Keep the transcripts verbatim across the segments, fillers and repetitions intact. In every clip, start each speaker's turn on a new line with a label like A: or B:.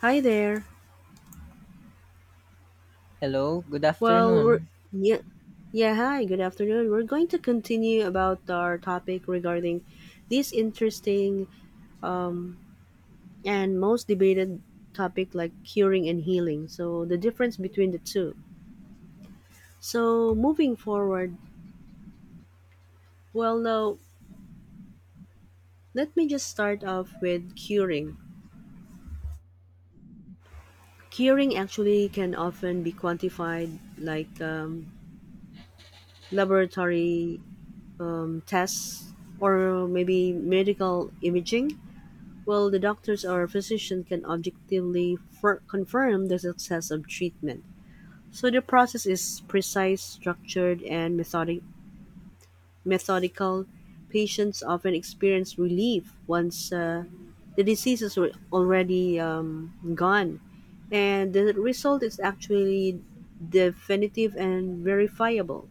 A: Hi there.
B: Hello, good
A: Well, we're
B: afternoon.
A: yeah, yeah. Hi, good afternoon. We're going to continue about our topic regarding this interesting um, and most debated topic like curing and healing, so the difference between the two. So moving forward, well, now let me just start off with curing. Curing actually can often be quantified like um, laboratory um, tests or maybe medical imaging. Well, the doctors or physician can objectively fir- confirm the success of treatment. So the process is precise, structured, and methodic, methodical. Patients often experience relief once uh, the disease is al- already um, gone. And the result is actually definitive and verifiable.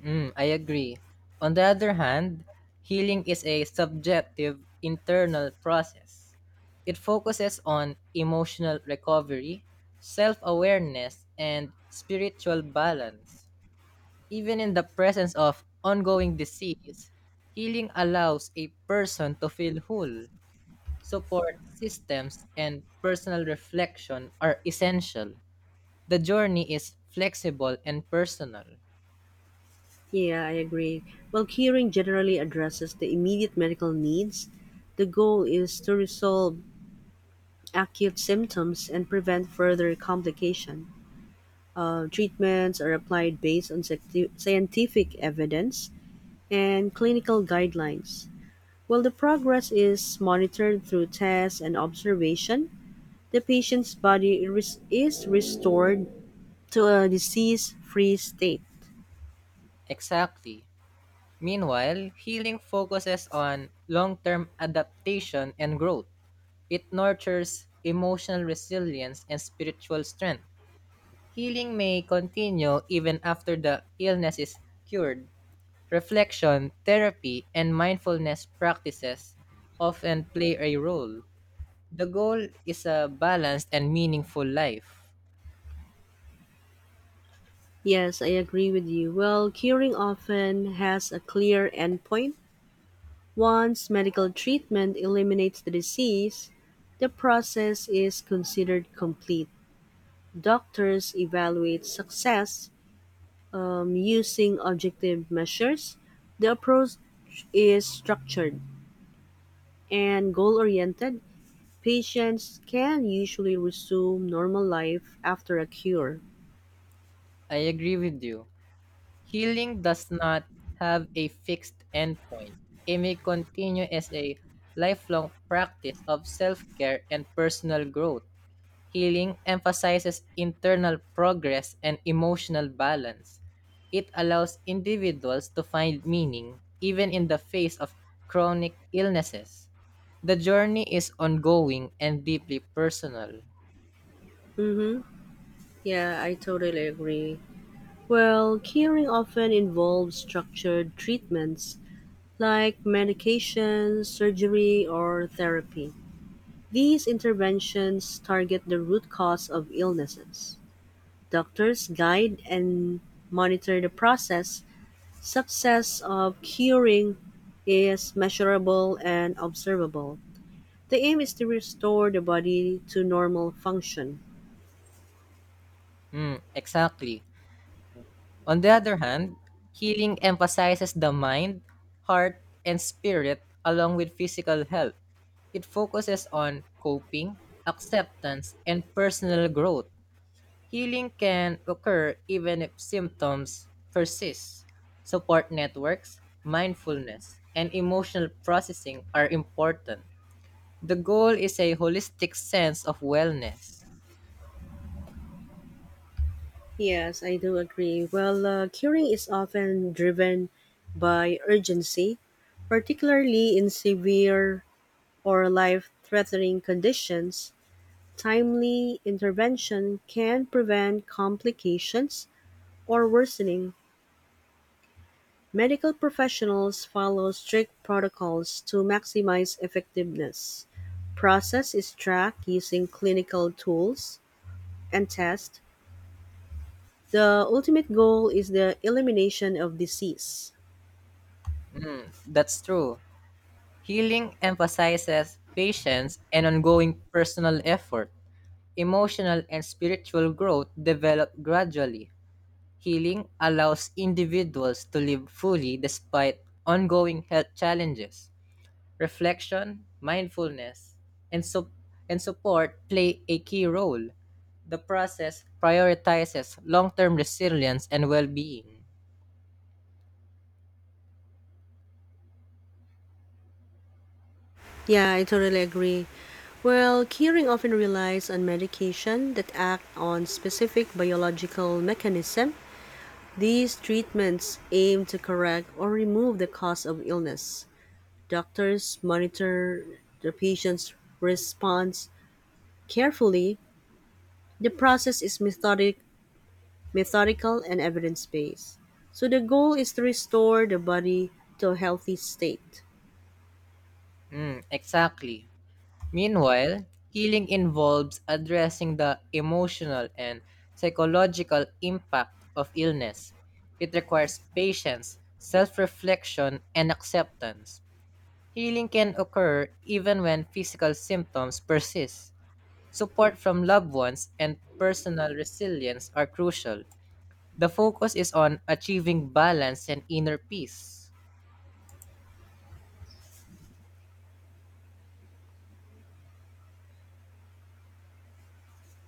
B: Mm, I agree. On the other hand, healing is a subjective internal process. It focuses on emotional recovery, self awareness, and spiritual balance. Even in the presence of ongoing disease, healing allows a person to feel whole. Support systems and personal reflection are essential. The journey is flexible and personal.
A: Yeah, I agree. While curing generally addresses the immediate medical needs, the goal is to resolve acute symptoms and prevent further complication. Uh, treatments are applied based on sci- scientific evidence and clinical guidelines. While the progress is monitored through tests and observation, the patient's body res- is restored to a disease free state.
B: Exactly. Meanwhile, healing focuses on long term adaptation and growth. It nurtures emotional resilience and spiritual strength. Healing may continue even after the illness is cured. Reflection, therapy, and mindfulness practices often play a role. The goal is a balanced and meaningful life.
A: Yes, I agree with you. Well, curing often has a clear endpoint. Once medical treatment eliminates the disease, the process is considered complete. Doctors evaluate success um, using objective measures. The approach is structured and goal oriented. Patients can usually resume normal life after a cure.
B: I agree with you. Healing does not have a fixed endpoint. It may continue as a lifelong practice of self care and personal growth. Healing emphasizes internal progress and emotional balance. It allows individuals to find meaning even in the face of chronic illnesses. The journey is ongoing and deeply personal.
A: Mm-hmm. Yeah, I totally agree. Well, curing often involves structured treatments like medication, surgery, or therapy. These interventions target the root cause of illnesses. Doctors guide and monitor the process. Success of curing is measurable and observable. The aim is to restore the body to normal function.
B: Mm, exactly. On the other hand, healing emphasizes the mind, heart, and spirit along with physical health. It focuses on coping, acceptance, and personal growth. Healing can occur even if symptoms persist. Support networks, mindfulness, and emotional processing are important. The goal is a holistic sense of wellness.
A: Yes, I do agree. Well, uh, curing is often driven by urgency, particularly in severe or life-threatening conditions. Timely intervention can prevent complications or worsening. Medical professionals follow strict protocols to maximize effectiveness. Process is tracked using clinical tools and tests. The ultimate goal is the elimination of disease.
B: That's true. Healing emphasizes patience and ongoing personal effort. Emotional and spiritual growth develop gradually. Healing allows individuals to live fully despite ongoing health challenges. Reflection, mindfulness, and, sup- and support play a key role. The process prioritizes long term resilience and well being.
A: Yeah, I totally agree. Well, curing often relies on medication that act on specific biological mechanism. These treatments aim to correct or remove the cause of illness. Doctors monitor the patient's response carefully. The process is methodic, methodical and evidence based. So the goal is to restore the body to a healthy state.
B: Mm, exactly. Meanwhile, healing involves addressing the emotional and psychological impact of illness. It requires patience, self reflection, and acceptance. Healing can occur even when physical symptoms persist. Support from loved ones and personal resilience are crucial. The focus is on achieving balance and inner peace.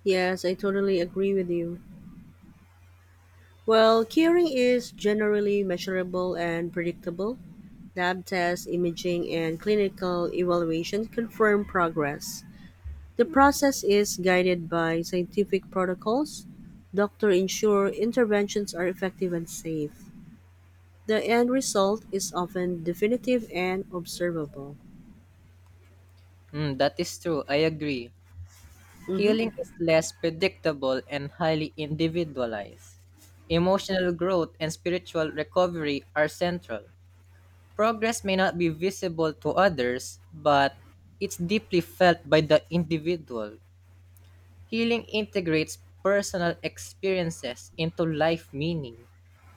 A: Yes, I totally agree with you. Well, curing is generally measurable and predictable. Lab tests, imaging, and clinical evaluation confirm progress. The process is guided by scientific protocols. Doctors ensure interventions are effective and safe. The end result is often definitive and observable.
B: Mm, that is true. I agree.
A: Mhm.
B: Healing is less predictable and highly individualized. Emotional growth and spiritual recovery are central. Progress may not be visible to others, but it's deeply felt by the individual. Healing integrates personal experiences into life meaning.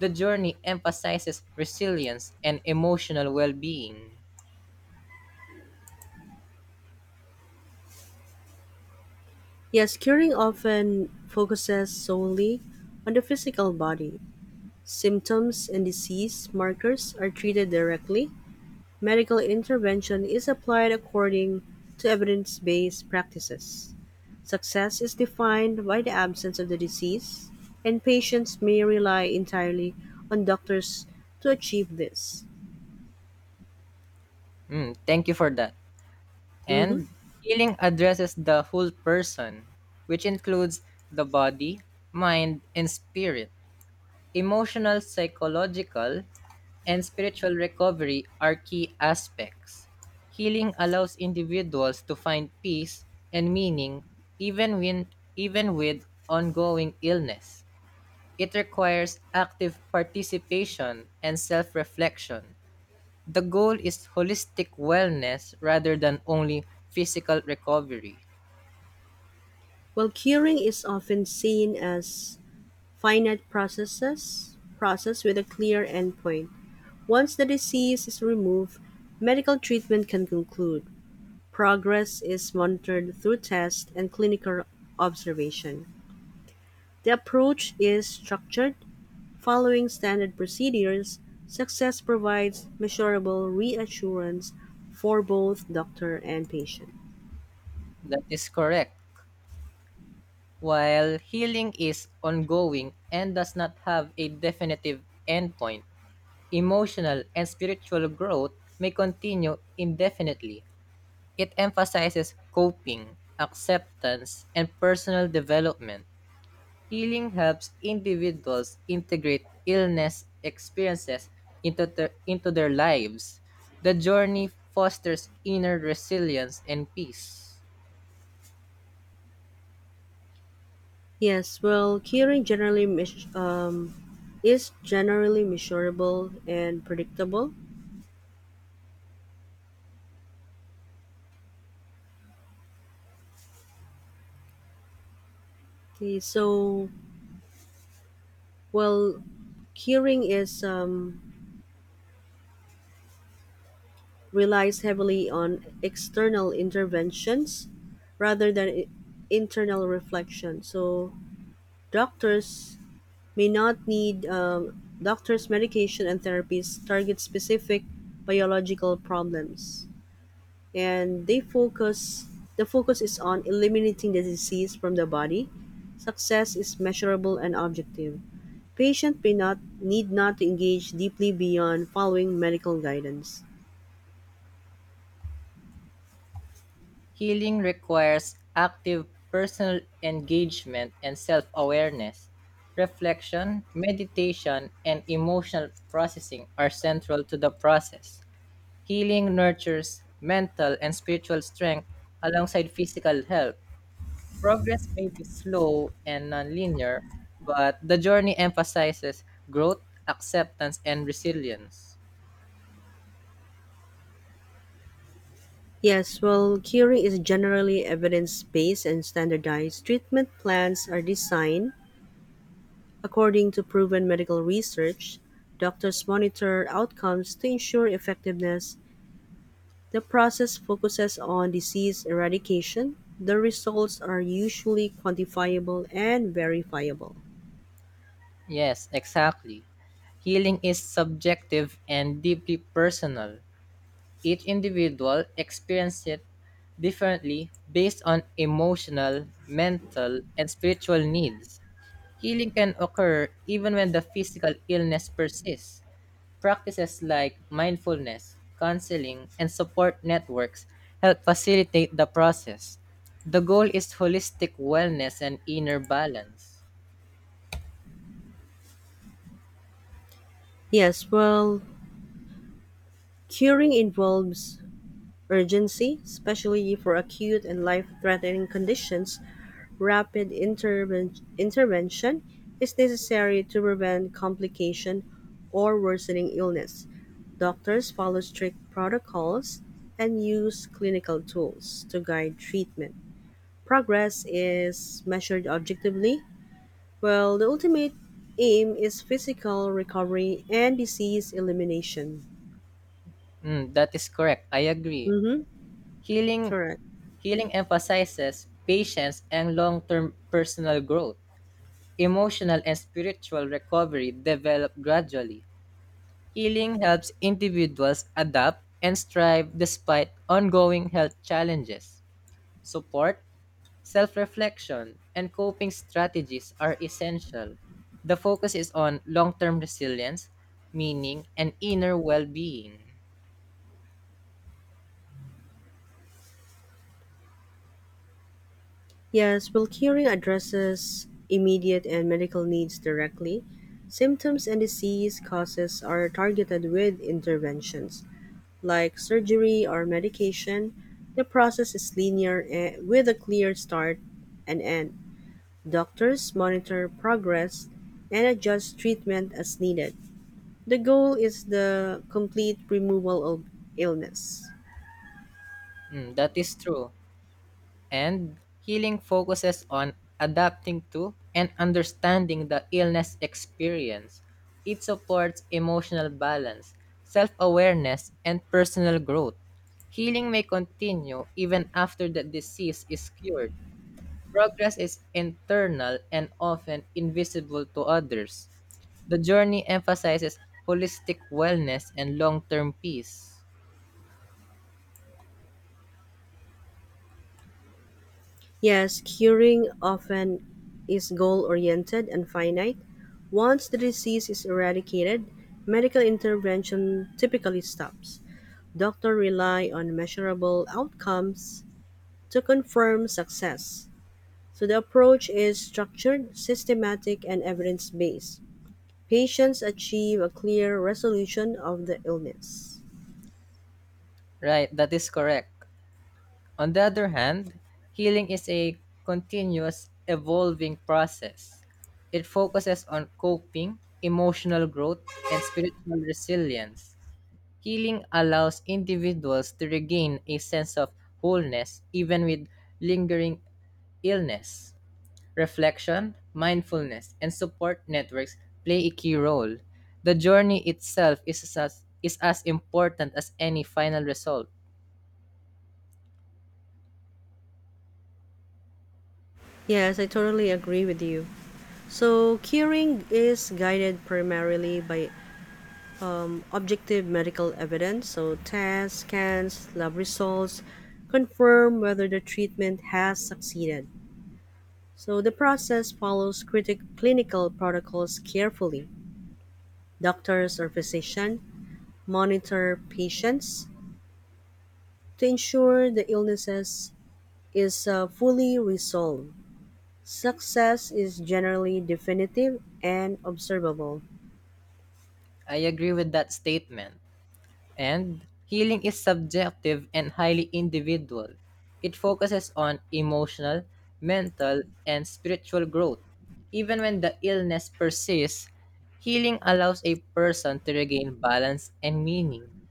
B: The journey emphasizes resilience and emotional well being.
A: Yes, curing often focuses solely on the physical body. Symptoms and disease markers are treated directly. Medical intervention is applied according to evidence based practices. Success is defined by the absence of the disease, and patients may rely entirely on doctors to achieve this.
B: Thank you for that.
A: Mhm.
B: And healing addresses the whole person, which includes the body, mind, and spirit. Emotional, psychological, and spiritual recovery are key aspects. Healing allows individuals to find peace and meaning even when even with ongoing illness. It requires active participation and self-reflection. The goal is holistic wellness rather than only physical recovery.
A: While curing is often seen as finite processes, process with a clear endpoint. Once the disease is removed, medical treatment can conclude. Progress is monitored through tests and clinical observation. The approach is structured. Following standard procedures, success provides measurable reassurance for both doctor and patient.
B: That is correct. While healing is ongoing and does not have a definitive endpoint, emotional and spiritual growth may continue indefinitely. It emphasizes coping, acceptance, and personal development. Healing helps individuals integrate illness experiences into, the, into their lives. The journey fosters inner resilience and peace.
A: Yes, well, curing generally meas- um, is generally measurable and predictable. Okay, so well, curing is um, relies heavily on external interventions rather than i- internal reflection. So doctors may not need um, doctors, medication, and therapies target specific biological problems. And they focus, the focus is on eliminating the disease from the body. Success is measurable and objective. Patient may not need not to engage deeply beyond following medical guidance.
B: Healing requires active personal engagement and self awareness. Reflection, meditation, and emotional processing are central to the process. Healing nurtures mental and spiritual strength alongside physical health. Progress may be slow and nonlinear, but the journey emphasizes growth, acceptance, and resilience.
A: Yes, well, curing is generally evidence based and standardized. Treatment plans are designed according to proven medical research. Doctors monitor outcomes to ensure effectiveness. The process focuses on disease eradication. The results are usually quantifiable and verifiable.
B: Yes, exactly. Healing is subjective and deeply personal. Each individual experiences it differently based on emotional, mental, and spiritual needs. Healing can occur even when the physical illness persists. Practices like mindfulness, counseling, and support networks help facilitate the process. The goal is holistic wellness and inner balance.
A: Yes, well, curing involves urgency, especially for acute and life threatening conditions. Rapid interven- intervention is necessary to prevent complication or worsening illness. Doctors follow strict protocols and use clinical tools to guide treatment. Progress is measured objectively, while the ultimate aim is physical recovery and disease elimination.
B: Mm, that is correct. I agree.
A: Mm-hmm.
B: Healing
A: Correct.
B: healing emphasizes patience and long-term personal growth. Emotional and spiritual recovery develop gradually. Healing helps individuals adapt and strive despite ongoing health challenges. Support, self reflection, and coping strategies are essential. The focus is on long term resilience, meaning, and inner well being.
A: Yes, well, curing addresses immediate and medical needs directly. Symptoms and disease causes are targeted with interventions like surgery or medication. The process is linear eh, with a clear start and end. Doctors monitor progress and adjust treatment as needed. The goal is the complete removal of illness.
B: That is true. And healing focuses on adapting to and understanding the illness experience. It supports emotional balance, self awareness, and personal growth. Healing may continue even after the disease is cured. Progress is internal and often invisible to others. The journey emphasizes holistic wellness and long term peace.
A: Yes, curing often is goal oriented and finite. Once the disease is eradicated, medical intervention typically stops. Doctors rely on measurable outcomes to confirm success. So the approach is structured, systematic, and evidence based. Patients achieve a clear resolution of the illness.
B: Right, that is correct. On the other hand, healing is a continuous evolving process. It focuses on coping, emotional growth, and spiritual resilience. Healing allows individuals to regain a sense of wholeness even with lingering illness. Reflection, mindfulness, and support networks play a key role. The journey itself is as, is as important as any final result.
A: Yes, I totally agree with you. So curing is guided primarily by um, objective medical evidence. So tests, scans, lab results confirm whether the treatment has succeeded. So the process follows critic clinical protocols carefully. Doctors or physicians monitor patients to ensure the illnesses is uh, fully resolved. Success is generally definitive and observable.
B: I agree with that statement. And healing is subjective and highly individual. It focuses on emotional, mental, and spiritual growth. Even when the illness persists, healing allows a person to regain balance and meaning.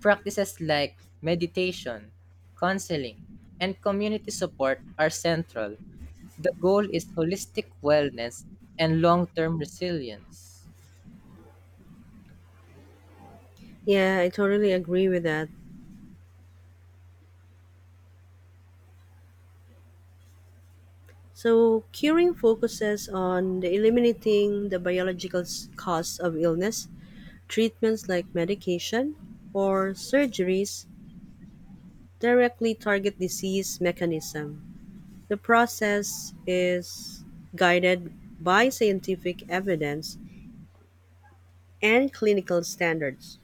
B: Practices like meditation, counseling, and community support are central. The goal is holistic wellness and long term resilience.
A: Yeah, I totally agree with that. So curing focuses on the eliminating the biological s- cause of illness. Treatments like medication or surgeries directly target disease mechanism. The process is guided by scientific evidence and clinical standards.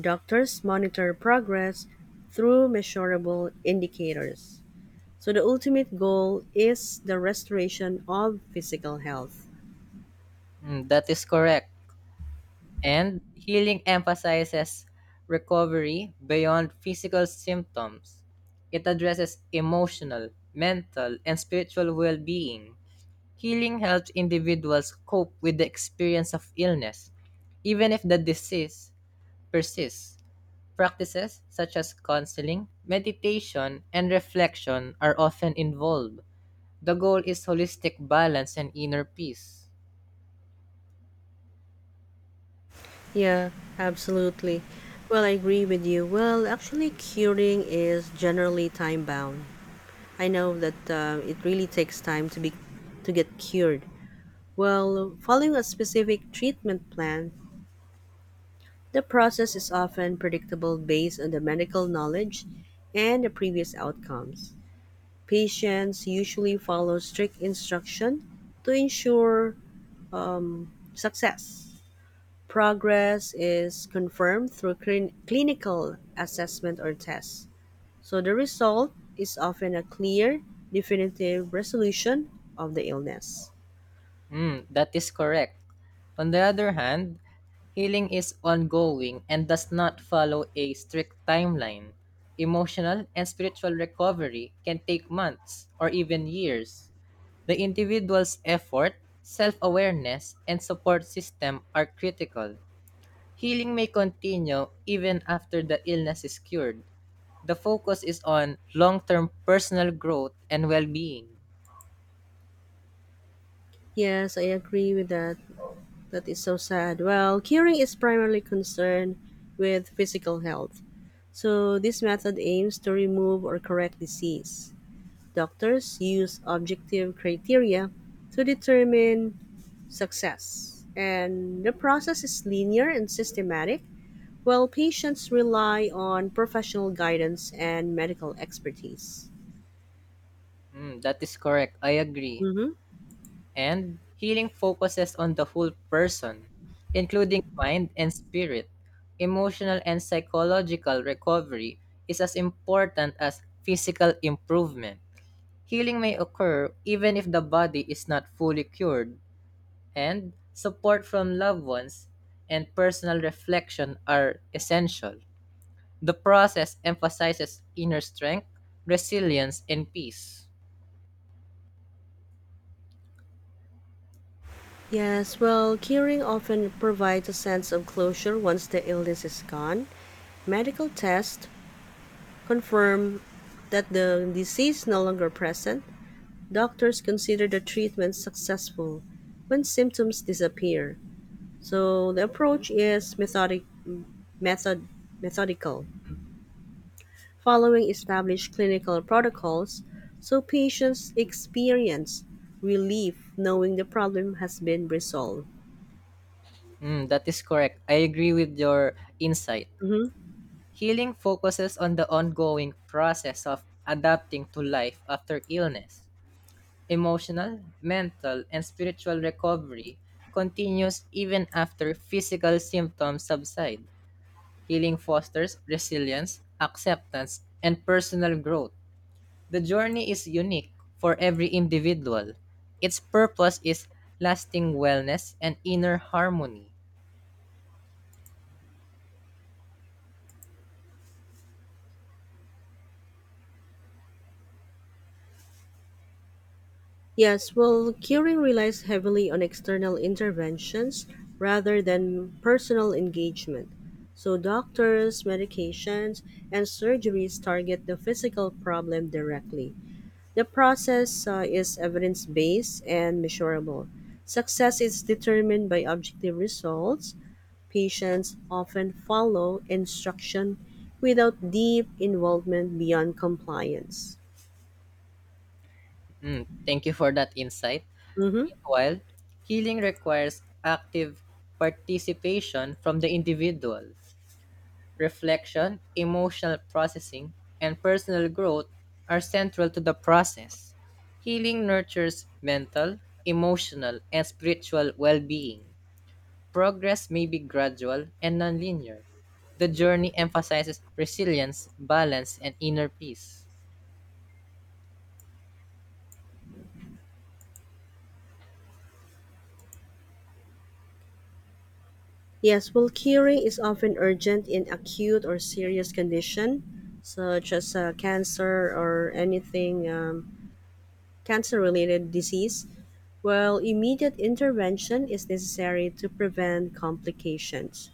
A: Doctors monitor progress through measurable indicators. So the ultimate goal is the restoration of physical health.
B: Mm, that is correct. And healing emphasizes recovery beyond physical symptoms. It addresses emotional, mental, and spiritual well being. Healing helps individuals cope with the experience of illness, even if the disease persists. Practices such as counseling, meditation, and reflection are often involved. The goal is holistic balance and inner peace.
A: Yeah, absolutely. Well, I agree with you. Well, actually, curing is generally time bound. I know that uh, it really takes time to be to get cured. Well, following a specific treatment plan, the process is often predictable based on the medical knowledge and the previous outcomes. Patients usually follow strict instruction to ensure um, success. Progress is confirmed through clin- clinical assessment or tests. So the result is often a clear, definitive resolution of the illness.
B: Mm, that is correct. On the other hand, healing is ongoing and does not follow a strict timeline. Emotional and spiritual recovery can take months or even years. The individual's effort, self awareness, and support system are critical. Healing may continue even after the illness is cured. The focus is on long-term personal growth and well-being.
A: Yes, I agree with that. That is so sad. Well, curing is primarily concerned with physical health, so this method aims to remove or correct disease. Doctors use objective criteria to determine success, and the process is linear and systematic, while patients rely on professional guidance and medical expertise.
B: Mm, that is correct. I agree.
A: Hmm.
B: And healing focuses on the whole person, including mind and spirit. Emotional and psychological recovery is as important as physical improvement. Healing may occur even if the body is not fully cured, and support from loved ones and personal reflection are essential. The process emphasizes inner strength, resilience, and peace.
A: Yes, well, curing often provides a sense of closure once the illness is gone. Medical tests confirm that the disease is no longer present. Doctors consider the treatment successful when symptoms disappear, so the approach is methodic, method, methodical, following established clinical protocols, so patients experience relief knowing the problem has been resolved.
B: Mm, that is correct. I agree with your insight.
A: Mhm.
B: Healing focuses on the ongoing process of adapting to life after illness. Emotional, mental, and spiritual recovery continues even after physical symptoms subside. Healing fosters resilience, acceptance, and personal growth. The journey is unique for every individual. Its purpose is lasting wellness and inner harmony.
A: Yes, well, curing relies heavily on external interventions rather than personal engagement. So doctors, medications, and surgeries target the physical problem directly. The process uh, is evidence based and measurable. Success is determined by objective results. Patients often follow instruction without deep involvement beyond compliance.
B: Mm, thank you for that insight.
A: Mhm.
B: Meanwhile, healing requires active participation from the individual. Reflection, emotional processing, and personal growth are central to the process. Healing nurtures mental, emotional, and spiritual well being. Progress may be gradual and nonlinear. The journey emphasizes resilience, balance, and inner peace.
A: Yes, well, curing is often urgent in acute or serious condition, such as uh, cancer or anything um, cancer-related disease. While immediate intervention is necessary to prevent complications,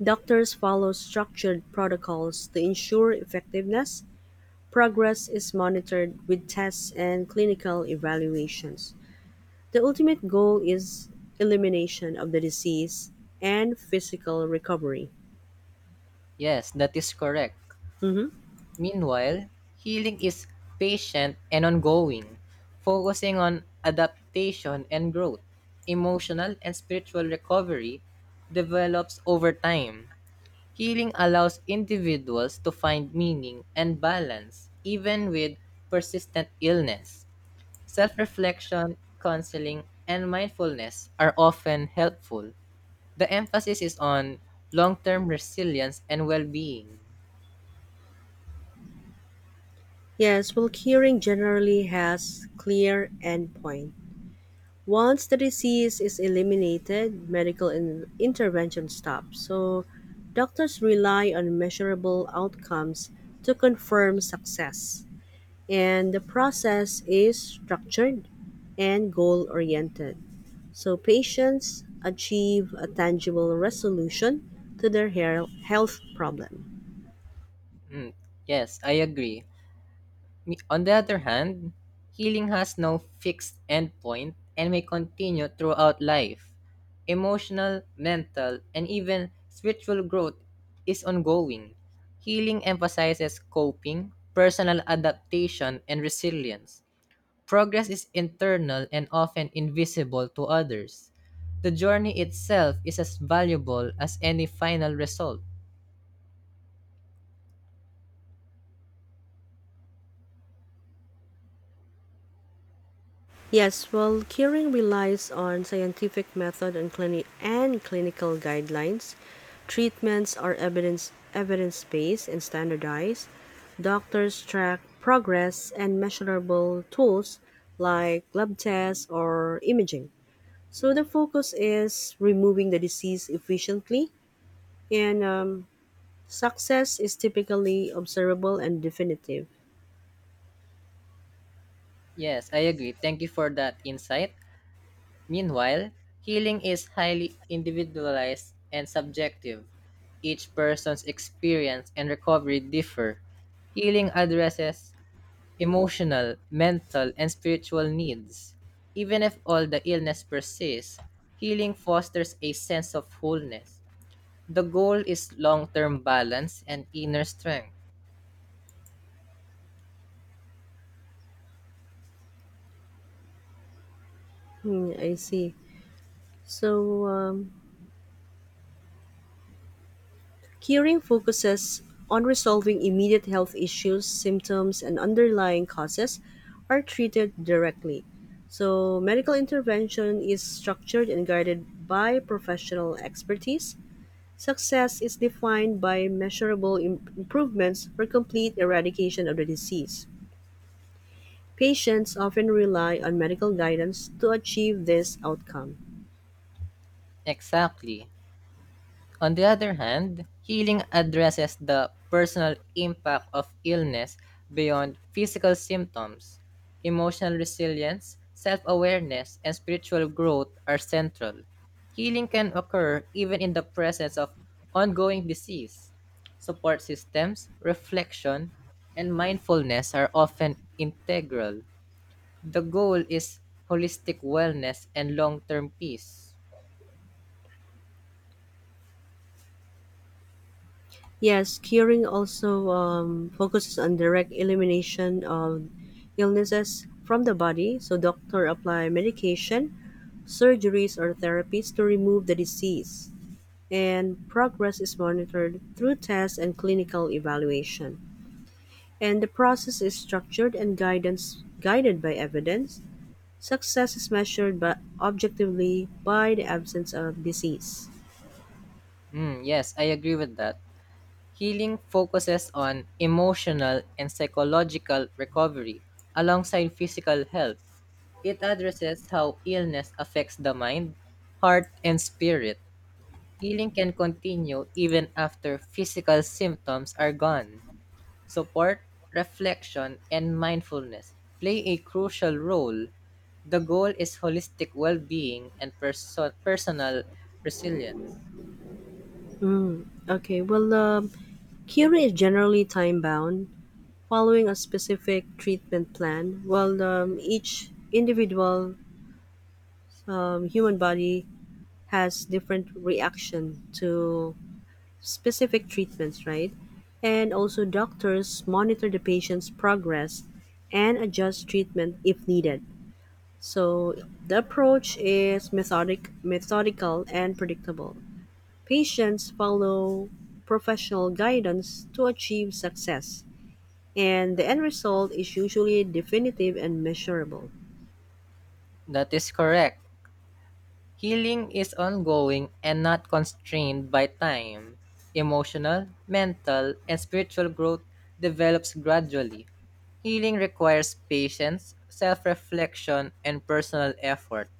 A: doctors follow structured protocols to ensure effectiveness. Progress is monitored with tests and clinical evaluations. The ultimate goal is elimination of the disease and physical recovery.
B: Yes, that is correct.
A: Mhm.
B: Meanwhile, healing is patient and ongoing, focusing on adaptation and growth. Emotional and spiritual recovery develops over time. Healing allows individuals to find meaning and balance, even with persistent illness. Self reflection, counseling, and mindfulness are often helpful. The emphasis is on long term resilience and well being.
A: Yes, well, curing generally has clear endpoint. Once the disease is eliminated, medical in- intervention stops. So doctors rely on measurable outcomes to confirm success. And the process is structured and goal oriented. So patients achieve a tangible resolution to their hair- health problem.
B: Yes, I agree. Me- On the other hand, healing has no fixed endpoint and may continue throughout life. Emotional, mental, and even spiritual growth is ongoing. Healing emphasizes coping, personal adaptation, and resilience. Progress is internal and often invisible to others. The journey itself is as valuable as any final result.
A: Yes, well, curing relies on scientific method and clini- and clinical guidelines. Treatments are evidence evidence based and standardized. Doctors track progress and measurable tools like lab tests or imaging. So the focus is removing the disease efficiently, and um, success is typically observable and definitive.
B: Yes, I agree. Thank you for that insight. Meanwhile, healing is highly individualized and subjective. Each person's experience and recovery differ. Healing addresses emotional, mental, and spiritual needs. Even if all the illness persists, healing fosters a sense of wholeness. The goal is long term balance and inner strength.
A: Hmm, I see. So um, curing focuses on resolving immediate health issues. Symptoms and underlying causes are treated directly. So medical intervention is structured and guided by professional expertise. Success is defined by measurable im- improvements for complete eradication of the disease. Patients often rely on medical guidance to achieve this outcome.
B: Exactly. On the other hand, healing addresses the personal impact of illness beyond physical symptoms. Emotional resilience, self awareness, and spiritual growth are central. Healing can occur even in the presence of ongoing disease. Support systems, reflection, and mindfulness are often integral. The goal is holistic wellness and long term peace.
A: Yes, curing also um, focuses on direct elimination of illnesses from the body. So doctor apply medication, surgeries or therapies to remove the disease. And progress is monitored through tests and clinical evaluation. And the process is structured and guidance guided by evidence. Success is measured by objectively by the absence of disease.
B: Mm, yes, I agree with that. Healing focuses on emotional and psychological recovery alongside physical health. It addresses how illness affects the mind, heart, and spirit. Healing can continue even after physical symptoms are gone. Support, reflection, and mindfulness play a crucial role. The goal is holistic well being and perso- personal resilience.
A: Okay, well, um, curing is generally time bound following a specific treatment plan. Well, um, each individual um, human body has different reaction to specific treatments, right? And also, doctors monitor the patient's progress and adjust treatment if needed. So the approach is methodic, methodical, and predictable. Patients follow professional guidance to achieve success, and the end result is usually definitive and measurable.
B: That is correct. Healing is ongoing and not constrained by time. Emotional, mental, and spiritual growth develops gradually. Healing requires patience, self reflection, and personal effort.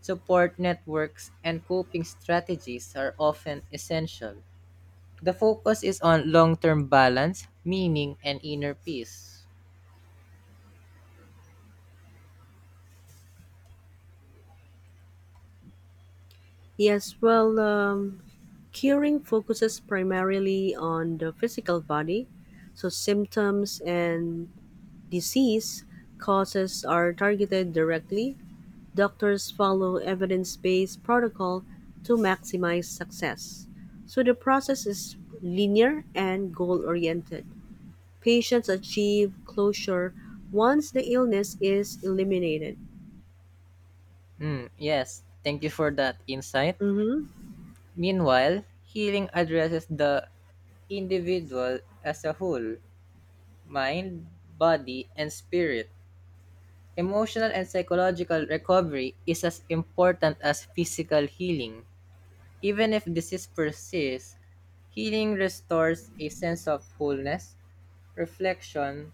B: Support networks and coping strategies are often essential. The focus is on long term balance, meaning, and inner peace.
A: Yes, well, um, curing focuses primarily on the physical body, so symptoms and disease causes are targeted directly. Doctors follow evidence based protocol to maximize success. So the process is linear and goal oriented. Patients achieve closure once the illness is eliminated.
B: Mm, yes, thank you for that insight.
A: Mhm.
B: Meanwhile, healing addresses the individual as a whole mind, body, and spirit. Emotional and psychological recovery is as important as physical healing. Even if disease persists, healing restores a sense of wholeness, reflection,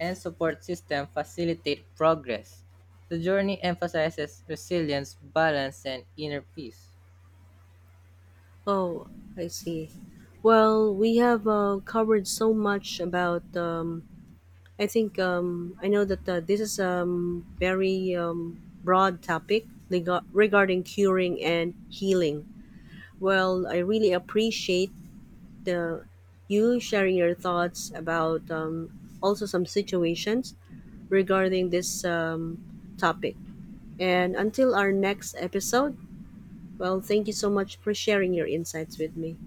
B: and support system facilitate progress. The journey emphasizes resilience, balance, and inner peace.
A: Oh, I see. Well, we have uh, covered so much about. Um, I think um, I know that uh, this is a um, very um, broad topic lega- regarding curing and healing. Well, I really appreciate the you sharing your thoughts about um, also some situations regarding this um, topic. And until our next episode, well, thank you so much for sharing your insights with me.